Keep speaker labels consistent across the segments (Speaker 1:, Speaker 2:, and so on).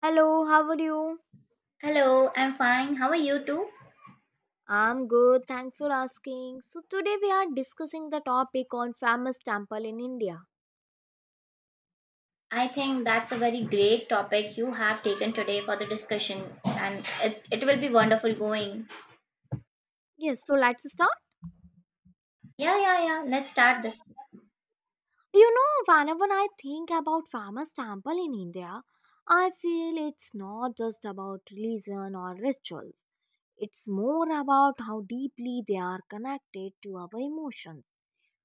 Speaker 1: Hello, how are you?
Speaker 2: Hello, I'm fine. How are you too?
Speaker 1: I'm good, thanks for asking. So, today we are discussing the topic on famous temple in India.
Speaker 2: I think that's a very great topic you have taken today for the discussion, and it will be wonderful going.
Speaker 1: Yes, so let's start.
Speaker 2: Yeah. Let's start this.
Speaker 1: You know, whenever I think about famous temple in India, I feel it's not just about religion or rituals. It's more about how deeply they are connected to our emotions.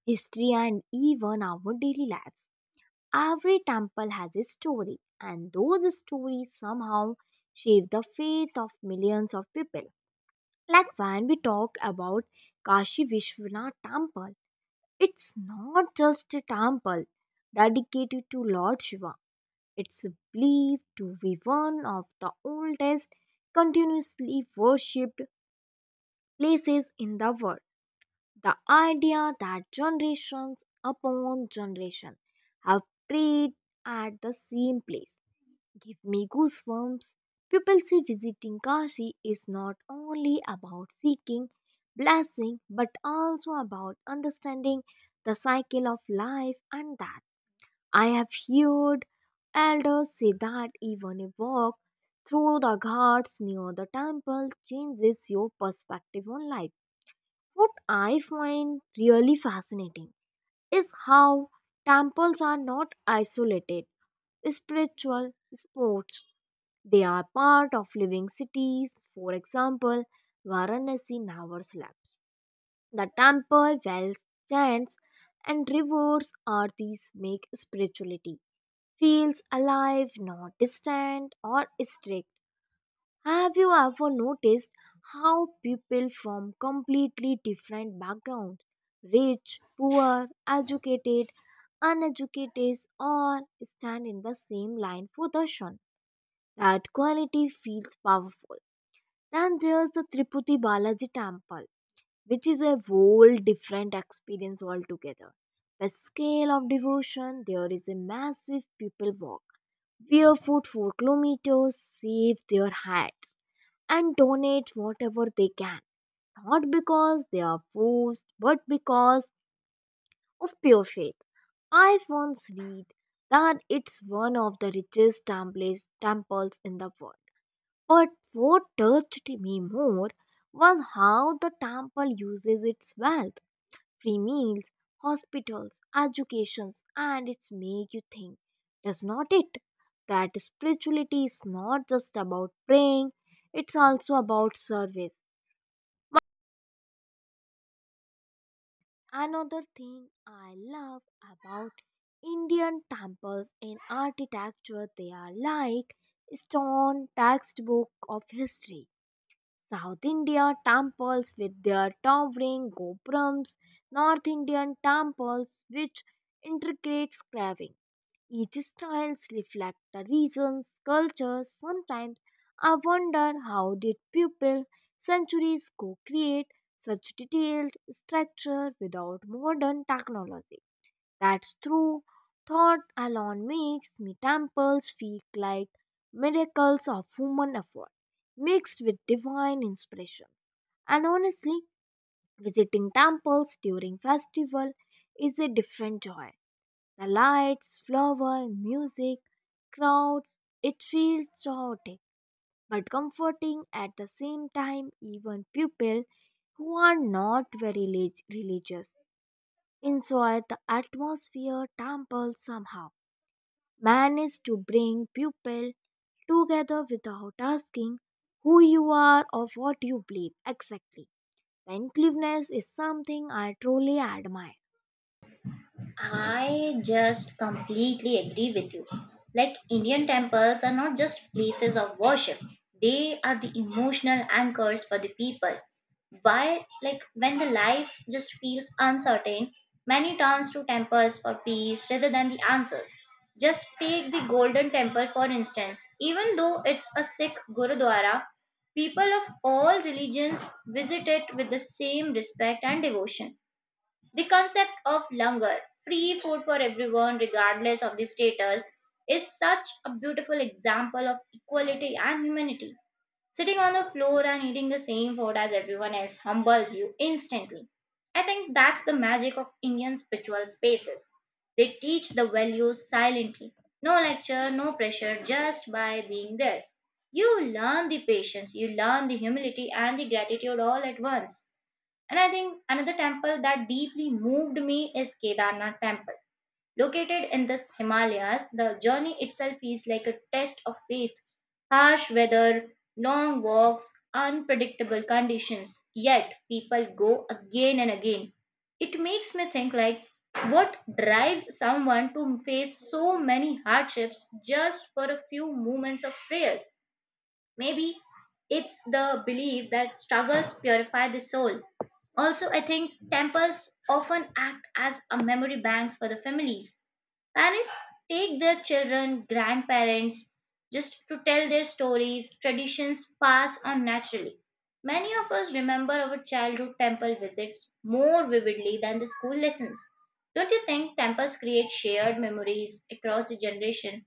Speaker 1: History, and even our daily lives. Every temple has a story, and those stories somehow shape the faith of millions of people. Like when we talk about Kashi Vishwanath Temple, it's not just a temple dedicated to Lord Shiva, it's believed to be one of the oldest continuously worshipped places in the world. The idea that generations upon generation have prayed at the same place give me goosebumps. People say visiting Kashi is not only about seeking blessing but also about understanding the cycle of life, and that I have heard elders say that even a walk through the ghats near the temple changes your perspective on life. What I find really fascinating is how temples are not isolated spiritual sports. They are part of living cities. For example, Varanasi never sleeps. The temple wells, chants, and rivers these make spirituality feels alive, not distant or strict. Have you ever noticed how people from completely different backgrounds, rich, poor, educated, uneducated, all stand in the same line for darshan? That quality feels powerful. Then there's the Triputi Balaji temple, which is a whole different experience altogether. The scale of devotion there is a massive people walk Wear food for kilometers, save their hats, and donate whatever they can. Not because they are forced, but because of pure faith. I once read that it's one of the richest temples in the world. But what touched me more was how the temple uses its wealth free meals, hospitals, educations, and it's make you think, does not it? That spirituality is not just about praying, it's also about service. Another thing I love about Indian temples in architecture, they are like stone textbook of history. South India temples with their towering gopurams, North Indian temples which intricate carving, each styles reflect the region's culture. Sometimes I wonder how did people centuries ago create such detailed structure without modern technology. That's true. Thought alone makes me temples feel like miracles of human effort mixed with divine inspirations. And honestly, visiting temples during festival is a different joy. The lights, flower, music, crowds, it feels chaotic but comforting at the same time. Even people who are not very religious enjoy the atmosphere temple somehow. Manage to bring people together without asking who you are or what you believe exactly. The inclusiveness is something I truly admire.
Speaker 2: I just completely agree with you. Like Indian temples are not just places of worship, they are the emotional anchors for the people. Why, like, when the life just feels uncertain, many turns to temples for peace rather than the answers. Just take the Golden Temple for instance. Even though it's a Sikh Gurudwara, people of all religions visit it with the same respect and devotion. The concept of langar, free food for everyone regardless of the status, is such a beautiful example of equality and humanity. Sitting on the floor and eating the same food as everyone else humbles you instantly. I think that's the magic of Indian spiritual spaces. They teach the values silently. No lecture, no pressure, just by being there. You learn the patience, you learn the humility and the gratitude all at once. And I think another temple that deeply moved me is Kedarnath temple. Located in the Himalayas, the journey itself is like a test of faith. Harsh weather, long walks, unpredictable conditions, yet people go again and again. It makes me think like what drives someone to face so many hardships just for a few moments of prayers? Maybe it's the belief that struggles purify the soul. Also, I think temples often act as a memory banks for the families. Parents take their children, grandparents, just to tell their stories, traditions pass on naturally. Many of us remember our childhood temple visits more vividly than the school lessons. Don't you think temples create shared memories across the generation,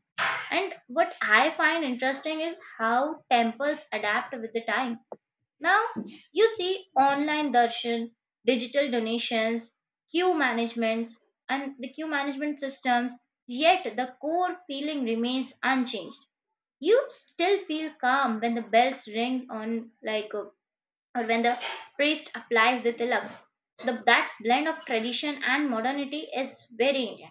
Speaker 2: and what I find interesting is how temples adapt with the time. Now, you see online darshan, digital donations, queue managements, and the queue management systems, yet the core feeling remains unchanged. You still feel calm when the bells rings on like or when the priest applies the tilak. That blend of tradition and modernity is very Indian.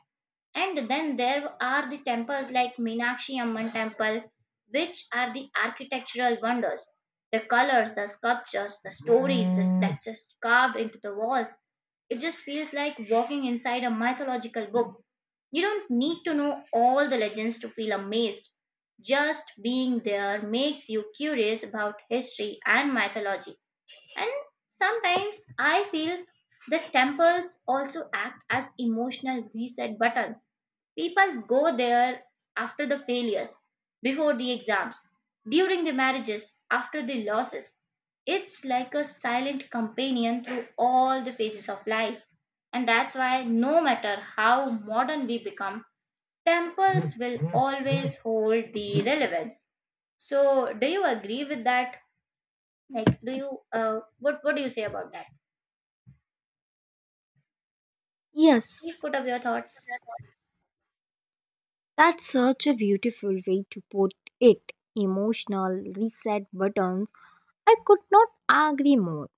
Speaker 2: And then there are the temples like Meenakshi Amman temple, which are the architectural wonders. The colors, the sculptures, that's just carved into the walls. It just feels like walking inside a mythological book. You don't need to know all the legends to feel amazed. Just being there makes you curious about history and mythology. And sometimes I feel that temples also act as emotional reset buttons. People go there after the failures, before the exams, during the marriages, after the losses. It's like a silent companion through all the phases of life. And that's why, no matter how modern we become, temples will always hold the relevance. So, do you agree with that? Like, what do you say about that? Please
Speaker 1: Yes,
Speaker 2: put up your thoughts.
Speaker 1: that's such a beautiful way to put it. Emotional reset buttons. I could not agree more.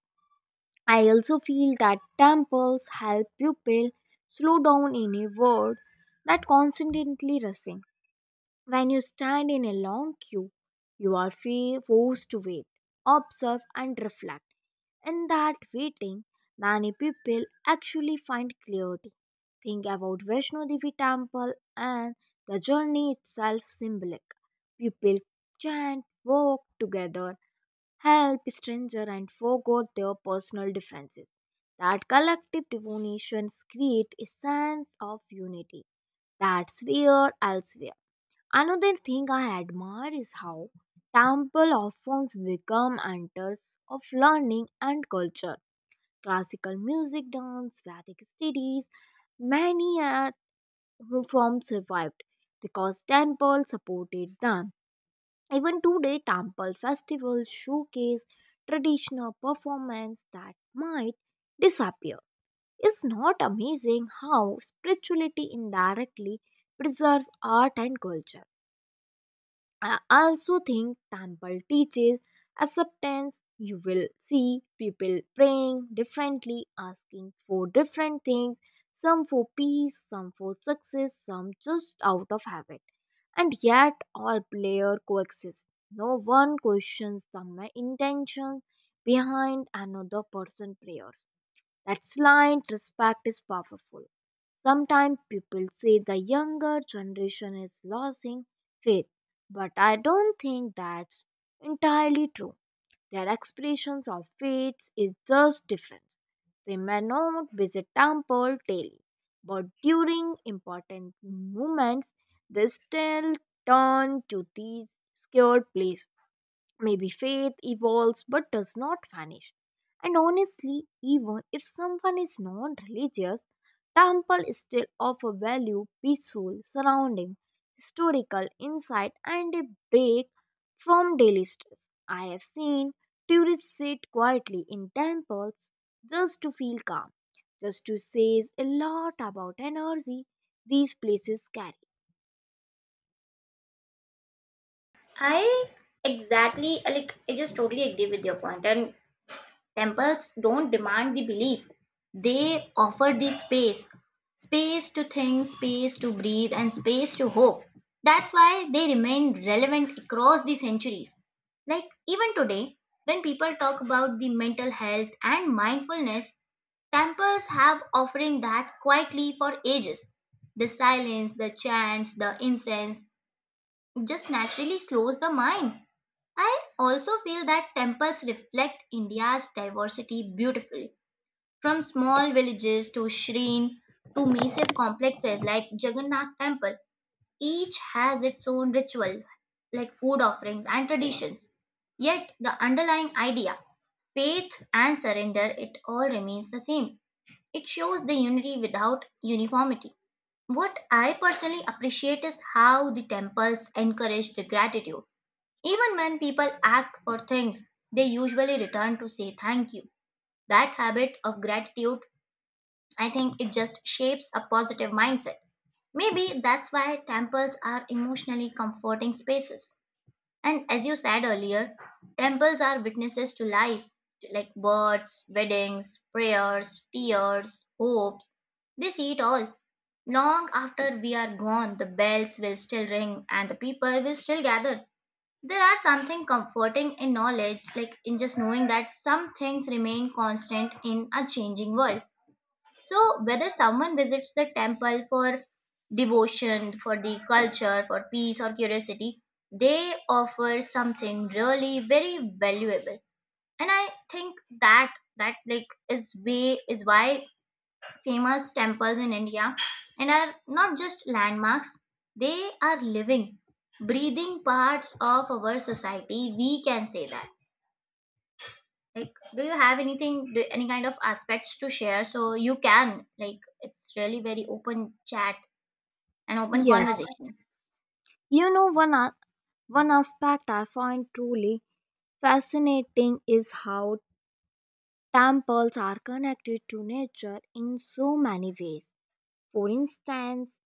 Speaker 1: I also feel that temples help people slow down in a world that constantly rushing. When you stand in a long queue, you are forced to wait, observe, and reflect. In that waiting, many people actually find clarity. Think about Vaishno Devi temple and the journey itself symbolic. People chant, walk together, help stranger and forget their personal differences. That collective devotion creates a sense of unity that's rare elsewhere. Another thing I admire is how temple often become centers of learning and culture. Classical music, dance, Vedic studies, many are who from survived because temple supported them. Even today, temple festivals showcase traditional performance that might disappear. It's not amazing how spirituality indirectly preserve art and culture. I also think temple teaches acceptance. You will see people praying differently, asking for different things, some for peace, some for success, some just out of habit. And yet all prayer coexist. No one questions the intention behind another person's prayers. That's line respect is powerful. Sometimes people say the younger generation is losing faith, but I don't think that's entirely true. Their expressions of faith is just different. They may not visit temple daily, but during important moments, they still turn to these scared places. Maybe faith evolves but does not vanish. And honestly, even if someone is non religious, temple still offer value, peaceful surrounding, historical insight, and a break from daily stress. I have seen tourists sit quietly in temples just to feel calm, just to says a lot about energy these places carry.
Speaker 2: I exactly like I just totally agree with your point. And temples don't demand the belief. They offer the space. Space to think, space to breathe, and space to hope. That's why they remain relevant across the centuries. Like even today, when people talk about the mental health and mindfulness, temples have offering that quietly for ages. The silence, the chants, the incense, just naturally slows the mind. I also feel that temples reflect India's diversity beautifully, from small villages to shrine to massive complexes like Jagannath Temple. Each has its own ritual, like food offerings and traditions. Yet the underlying idea, faith and surrender, it all remains the same. It shows the unity without uniformity. What I personally appreciate is how the temples encourage the gratitude, even when people ask for things, they usually return to say thank you. That habit of gratitude, I think it just shapes a positive mindset. Maybe that's why temples are emotionally comforting spaces. And as you said earlier, temples are witnesses to life, like births, weddings, prayers, tears, hopes. They see it all. Long after we are gone, the bells will still ring and the people will still gather. There are something comforting in knowledge, like in just knowing that some things remain constant in a changing world. So, whether someone visits the temple for devotion, for the culture, for peace, or curiosity, they offer something really very valuable. And I think that is why famous temples in India and are not just landmarks, they are living, breathing parts of our society. We can say that. Like, do you have anything, do, any kind of aspects to share? So you can, like, it's really very open chat and open
Speaker 1: Yes.
Speaker 2: conversation.
Speaker 1: You know, one aspect I find truly fascinating is how temples are connected to nature in so many ways. For instance,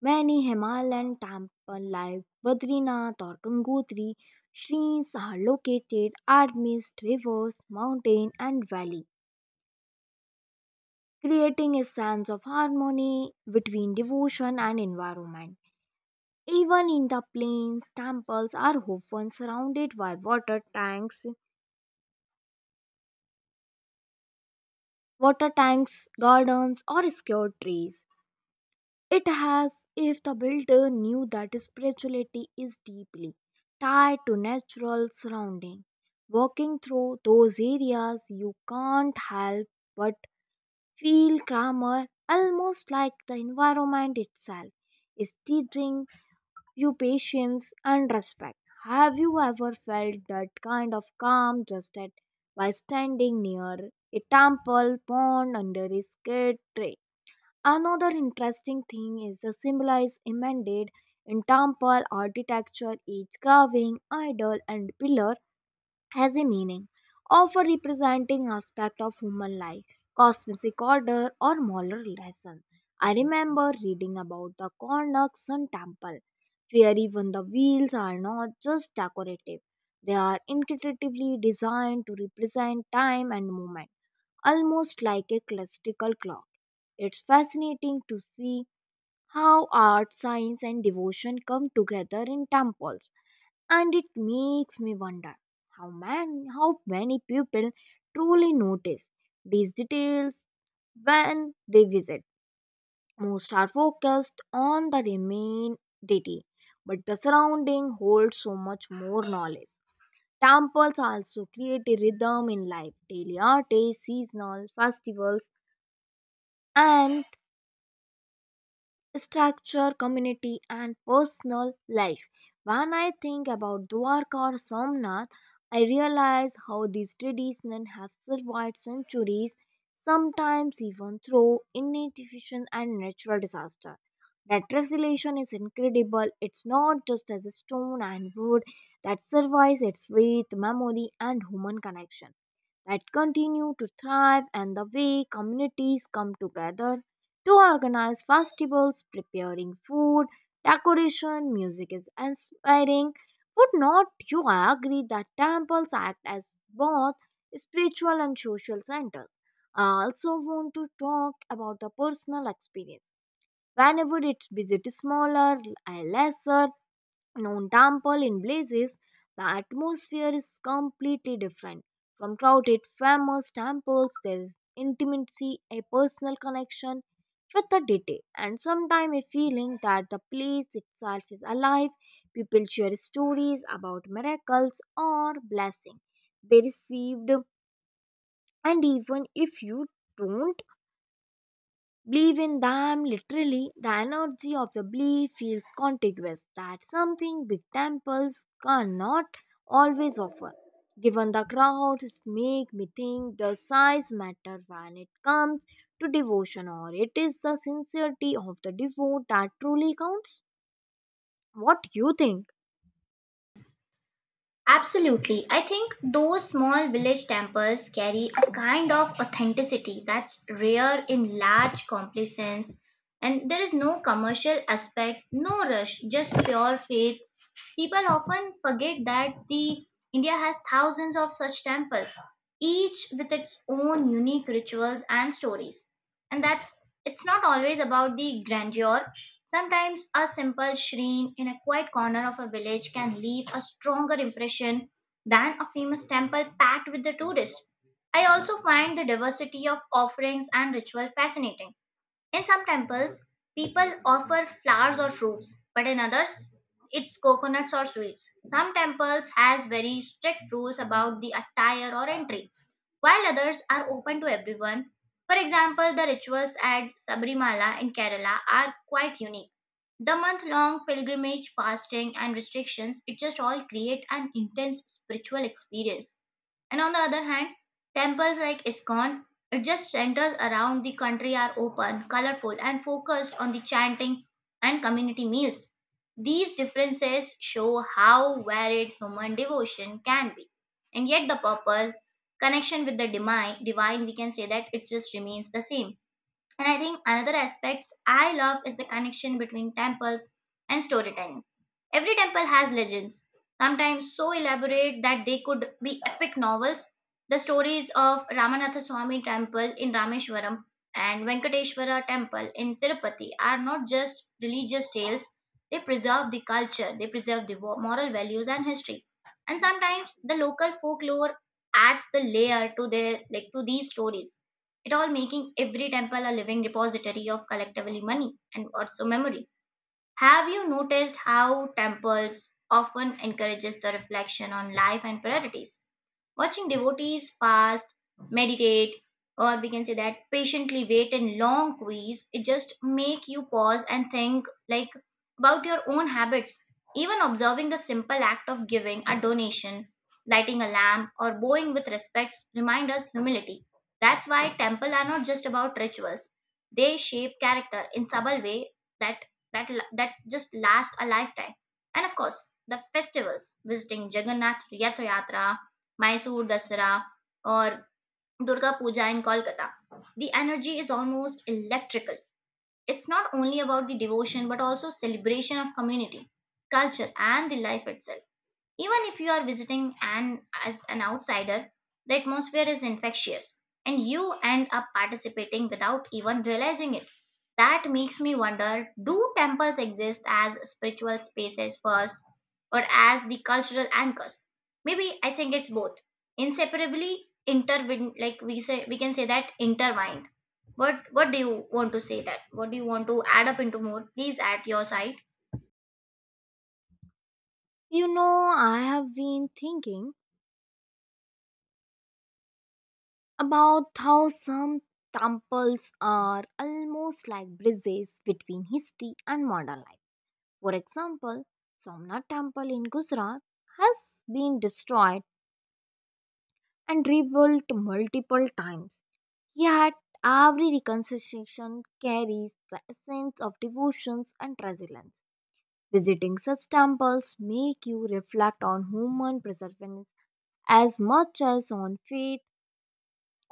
Speaker 1: many Himalayan temples like Badrinath or Gangotri shrines are located amidst rivers, mountain, and valley, creating a sense of harmony between devotion and environment. Even in the plains, temples are often surrounded by water tanks, gardens, or scared trees. It has, if the builder knew that spirituality is deeply tied to natural surrounding. Walking through those areas, you can't help but feel calmer, almost like the environment itself is teaching you patience and respect. Have you ever felt that kind of calm just at by standing near a temple pond under a shade tree? Another interesting thing is the symbolized embedded in temple architecture. Each carving, idol, and pillar has a meaning, often representing aspect of human life, cosmic order, or moral lesson. I remember reading about the Karnak Sun Temple, where even the wheels are not just decorative; they are intuitively designed to represent time and movement, almost like a classical clock. It's fascinating to see how art, science, and devotion come together in temples, and it makes me wonder how, man, how many people truly notice these details when they visit. Most are focused on the remain deity, but the surrounding holds so much more knowledge. Temples also create a rhythm in life. Daily artists, seasonal festivals, and structure community and personal life. When I think about Dwarka or Somnath, I realize how these traditions have survived centuries, sometimes even through inefficient and natural disaster. That resilience is incredible. It's not just as a stone and wood that survives, it's with memory and human connection that continue to thrive and the way communities come together to organize festivals, preparing food, decoration, music is inspiring. Would not you agree that temples act as both spiritual and social centers? I also want to talk about the personal experience. Whenever it's visit smaller, lesser, known temple in blazes, the atmosphere is completely different. From crowded, famous temples, there is intimacy, a personal connection with the deity, and sometimes a feeling that the place itself is alive. People share stories about miracles or blessings they received, and even if you don't believe in them literally, the energy of the belief feels contiguous. That's something big temples cannot always offer. Given the crowds, make me think the size matter when it comes to devotion, or it is the sincerity of the devote that truly counts. What you think?
Speaker 2: Absolutely. I think those small village temples carry a kind of authenticity that's rare in large complexes. And there is no commercial aspect, no rush, just pure faith. People often forget that the India has thousands of such temples, each with its own unique rituals and stories. And that's it's not always about the grandeur. Sometimes a simple shrine in a quiet corner of a village can leave a stronger impression than a famous temple packed with the tourists. I also find the diversity of offerings and ritual fascinating. In some temples, people offer flowers or fruits, but in others, it's coconuts or sweets. Some temples has very strict rules about the attire or entry, while others are open to everyone. For example, the rituals at Sabrimala in Kerala are quite unique, the month long pilgrimage, fasting, and restrictions, it just all create an intense spiritual experience. And on the other hand, temples like ISKCON, it just centers around the country are open, colorful, and focused on the chanting and community meals. These differences show how varied human devotion can be. And yet, the purpose, connection with the divine, we can say that it just remains the same. And I think another aspects I love is the connection between temples and storytelling. Every temple has legends, sometimes so elaborate that they could be epic novels. The stories of Ramanatha Swami temple in Rameshwaram and Venkateshwara temple in Tirupati are not just religious tales. They preserve the culture, they preserve the moral values and history. And sometimes the local folklore adds the layer to their like to these stories, it all making every temple a living repository of collectively money and also memory. Have you noticed how temples often encourages the reflection on life and priorities? Watching devotees fast, meditate, or we can say that patiently wait in long queues, it just make you pause and think like about your own habits. Even observing the simple act of giving a donation, lighting a lamp, or bowing with respect, remind us humility. That's why temple are not just about rituals; they shape character in subtle way that that that just last a lifetime. And of course, the festivals, visiting Jagannath Yatra, Mysore Dasara, or Durga Puja in Kolkata. The energy is almost electrical. It's not only about the devotion but also celebration of community, culture, and the life itself. Even if you are visiting and as an outsider, the atmosphere is infectious and you end up participating without even realizing it. That makes me wonder, do temples exist as spiritual spaces first or as the cultural anchors? Maybe I think it's both. Inseparably intertwined, like we can say that intertwined. What do you want to say that? What do you want to add up into more? Please add your side.
Speaker 1: You know, I have been thinking about how some temples are almost like bridges between history and modern life. For example, Somnath Temple in Gujarat has been destroyed and rebuilt multiple times. Yet, every reconstruction carries the essence of devotions and resilience. Visiting such temples make you reflect on human perseverance as much as on faith.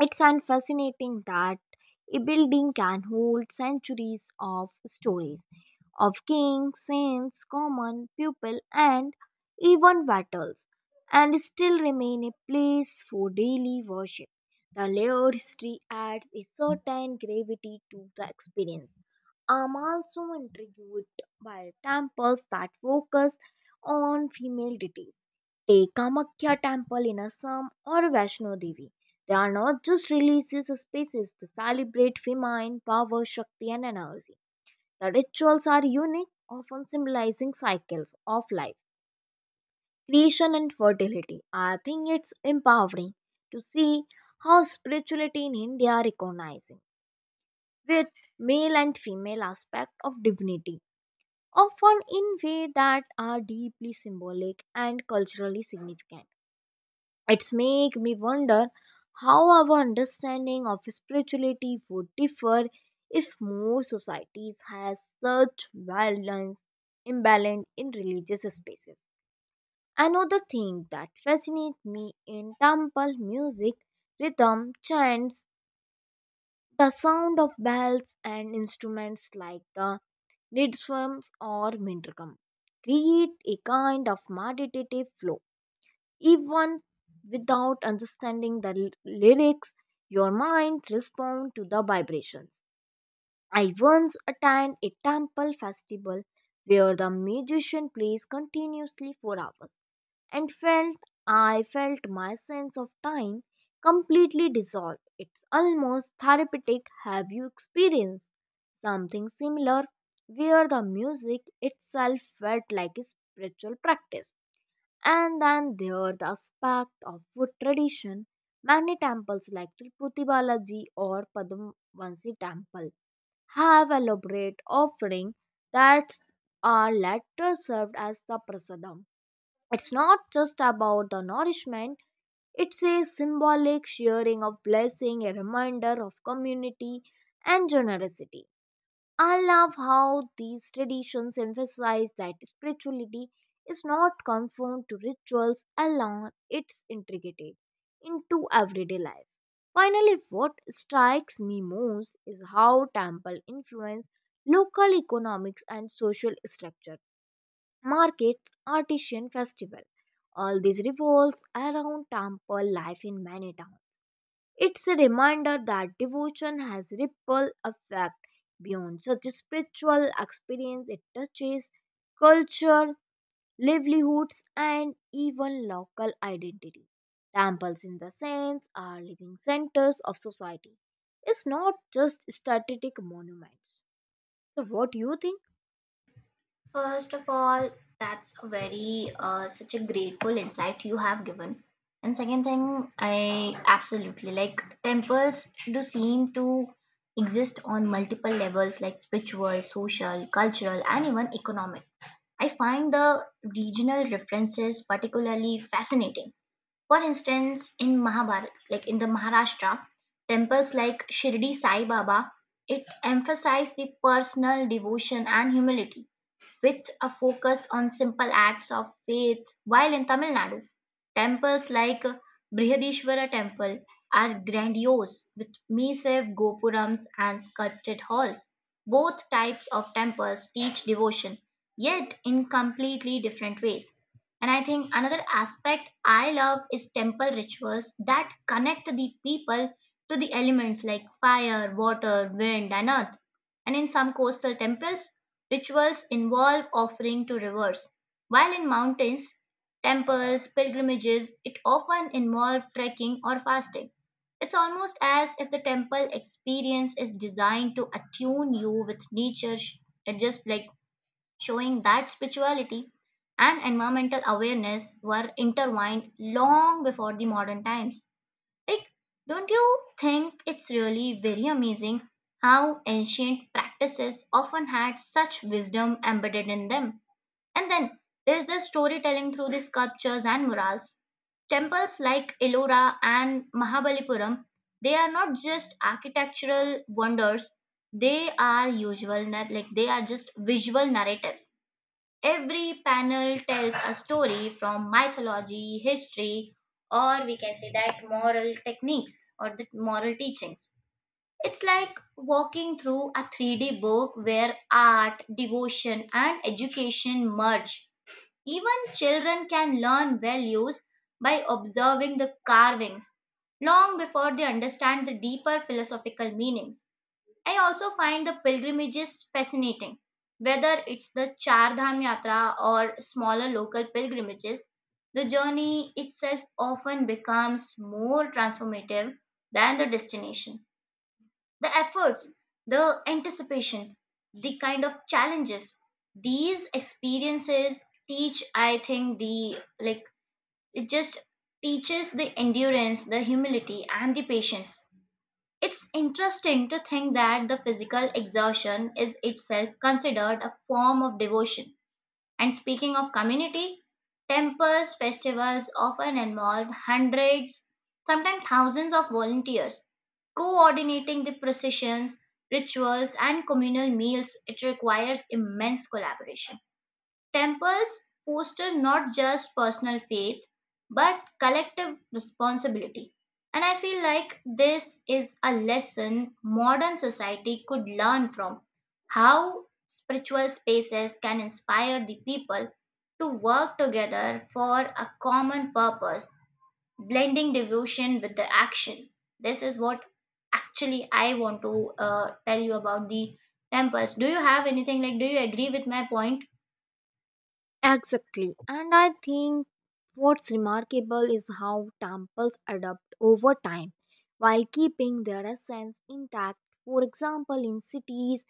Speaker 1: It's an fascinating that a building can hold centuries of stories of kings, saints, common people, and even battles, and still remain a place for daily worship. The layered history adds a certain gravity to the experience. I'm also intrigued by temples that focus on female deities. Take Kamakhya temple in Assam or Vaishno Devi, they are not just religious spaces, they celebrate feminine power, Shakti, and energy. The rituals are unique, often symbolizing cycles of life, creation, and fertility. I think it's empowering to see how spirituality in India are recognizing with male and female aspect of divinity, often in ways that are deeply symbolic and culturally significant. It's make me wonder how our understanding of spirituality would differ if more societies had such violence imbalance in religious spaces. Another thing that fascinates me in temple music, rhythm, chants, the sound of bells and instruments like the riddhums or mendrikam create a kind of meditative flow even without understanding the lyrics, your mind responds to the vibrations. I once attended a temple festival where the musician plays continuously for hours and felt I felt my sense of time completely dissolve. It's almost therapeutic. Have you experienced something similar where the music itself felt like a spiritual practice? And then there are the aspect of wood tradition. Many temples like Tirupati Balaji or Padmavansi temple have elaborate offering that are later served as the prasadam. It's not just about the nourishment, it's a symbolic sharing of blessing, a reminder of community and generosity. I love how these traditions emphasize that spirituality is not confined to rituals alone, it's integrated into everyday life. Finally, what strikes me most is how temple influence local economics and social structure markets, artisan festival. All these revolves around temple life in many towns. It's a reminder that devotion has ripple effect beyond such a spiritual experience. It touches culture, livelihoods, and even local identity. Temples, in the sense, are living centers of society. It's not just static monuments. So, what do you think?
Speaker 2: First of all, that's a very such a grateful insight you have given. And second thing, I absolutely like temples do seem to exist on multiple levels like spiritual, social, cultural, and even economic. I find the regional references particularly fascinating. For instance, in Mahabharata, like in the Maharashtra, temples like Shirdi Sai Baba, it emphasized the personal devotion and humility with a focus on simple acts of faith, while in Tamil Nadu, temples like Brihadishwara Temple are grandiose with massive gopurams and sculpted halls. Both types of temples teach devotion, yet in completely different ways. And I think another aspect I love is temple rituals that connect the people to the elements like fire, water, wind, and earth. And in some coastal temples, Rituals involve offering to rivers, while in mountains, temples, pilgrimages, it often involves trekking or fasting. It's almost as if the temple experience is designed to attune you with nature, and just like showing that spirituality and environmental awareness were intertwined long before the modern times. Like, don't you think it's really very amazing how ancient practices often had such wisdom embedded in them? And then there's the storytelling through the sculptures and murals. Temples like Ellora and Mahabalipuram, they are not just architectural wonders, they are usual, nar- like they are just visual narratives. Every panel tells a story from mythology, history, or we can say that moral techniques or the moral teachings. It's like walking through a 3D book where art, devotion, and education merge. Even children can learn values by observing the carvings long before they understand the deeper philosophical meanings. I also find the pilgrimages fascinating, whether it's the Char Dham Yatra or smaller local pilgrimages. The journey itself often becomes more transformative than the destination. The efforts, the anticipation, the kind of challenges these experiences teach, I think, the like it just teaches the endurance, the humility, and the patience. It's interesting to think that the physical exertion is itself considered a form of devotion. And speaking of community, temples, festivals often involve hundreds, sometimes thousands of volunteers coordinating the processions, rituals, and communal meals. It requires immense collaboration. Temples foster not just personal faith, but collective responsibility. And I feel like this is a lesson modern society could learn from, how spiritual spaces can inspire the people to work together for a common purpose, blending devotion with the action. This is what actually I want to tell you about the temples. Do you have anything like, do you agree with my point?
Speaker 1: Exactly. And I think what's remarkable is how temples adapt over time while keeping their essence intact. For example, in cities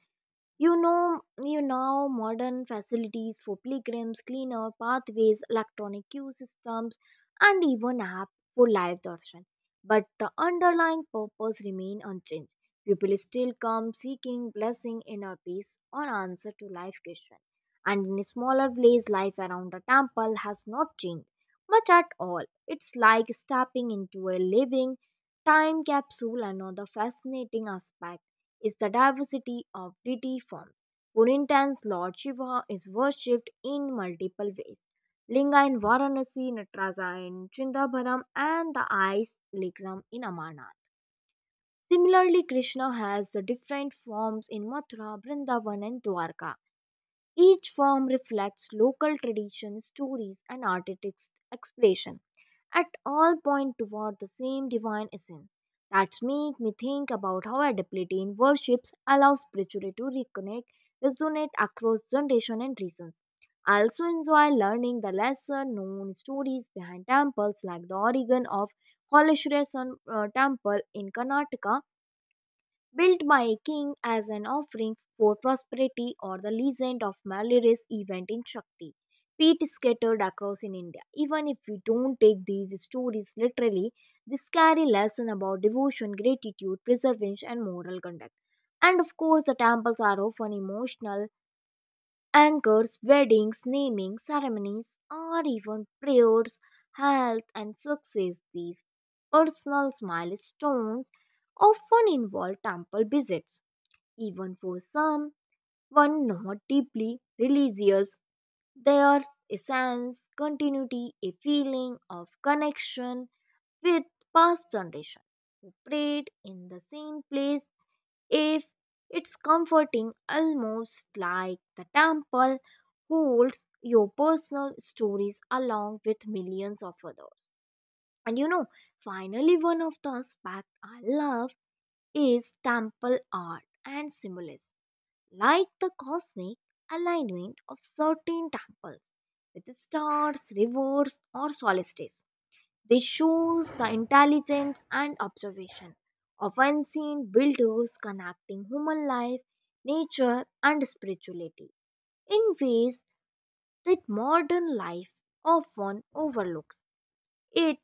Speaker 1: you know, you now modern facilities for pilgrims, cleaner pathways, electronic queue systems, and even app for live darshan. But the underlying purpose remain unchanged. People still come seeking blessing, inner peace, or answer to life question. And in a smaller place, life around the temple has not changed much at all. It's like stepping into a living time capsule. Another fascinating aspect is the diversity of deity forms. Purintan's Lord Shiva is worshipped in multiple ways. Linga in Varanasi, Natraja in Chindabharam, and the ice lingam in Amarnath. Similarly, Krishna has the different forms in Mathura, Vrindavan, and Dwarka. Each form reflects local traditions, stories, and artistic expression at all point toward the same divine essence. That make me think about how adaptability in worships allows spirituality to reconnect, resonate across generation and regions. I also enjoy learning the lesser known stories behind temples like the origin of Holeshwaran temple in Karnataka built by a king as an offering for prosperity, or the legend of Malarious event in Shakti. Peat is scattered across in India. Even if we don't take these stories literally, they carry lesson about devotion, gratitude, preservation, and moral conduct. And of course, the temples are often emotional. Anchors, weddings, naming ceremonies, or even prayers, health, and success. These personal milestones often involve temple visits, even for some, one not deeply religious, their essence, continuity, a feeling of connection with past generation who prayed in the same place. If it's comforting, almost like the temple holds your personal stories along with millions of others. And you know, finally, one of the aspects I love is temple art and symbolism like the cosmic alignment of certain temples with the stars, rivers, or solstices. They shows the intelligence and observation of unseen builders connecting human life, nature, and spirituality in ways that modern life often overlooks. It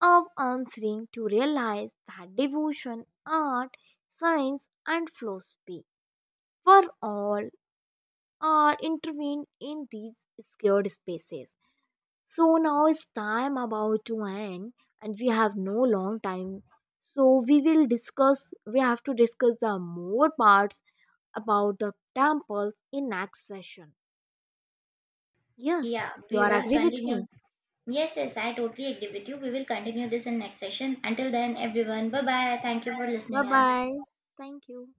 Speaker 1: of answering to realize that devotion, art, science, and philosophy were all or intervene in these scared spaces. So now is time about to end and we have no long time. So we have to discuss the more parts about the temples in next session. Yes,
Speaker 2: Yeah,
Speaker 1: you
Speaker 2: we
Speaker 1: are
Speaker 2: will
Speaker 1: agree with
Speaker 2: continue.
Speaker 1: me.
Speaker 2: Yes, yes, I totally agree with you. We will continue this in next session. Until then, everyone, bye bye. Thank you for listening
Speaker 1: Bye
Speaker 2: us.
Speaker 1: bye. Thank you.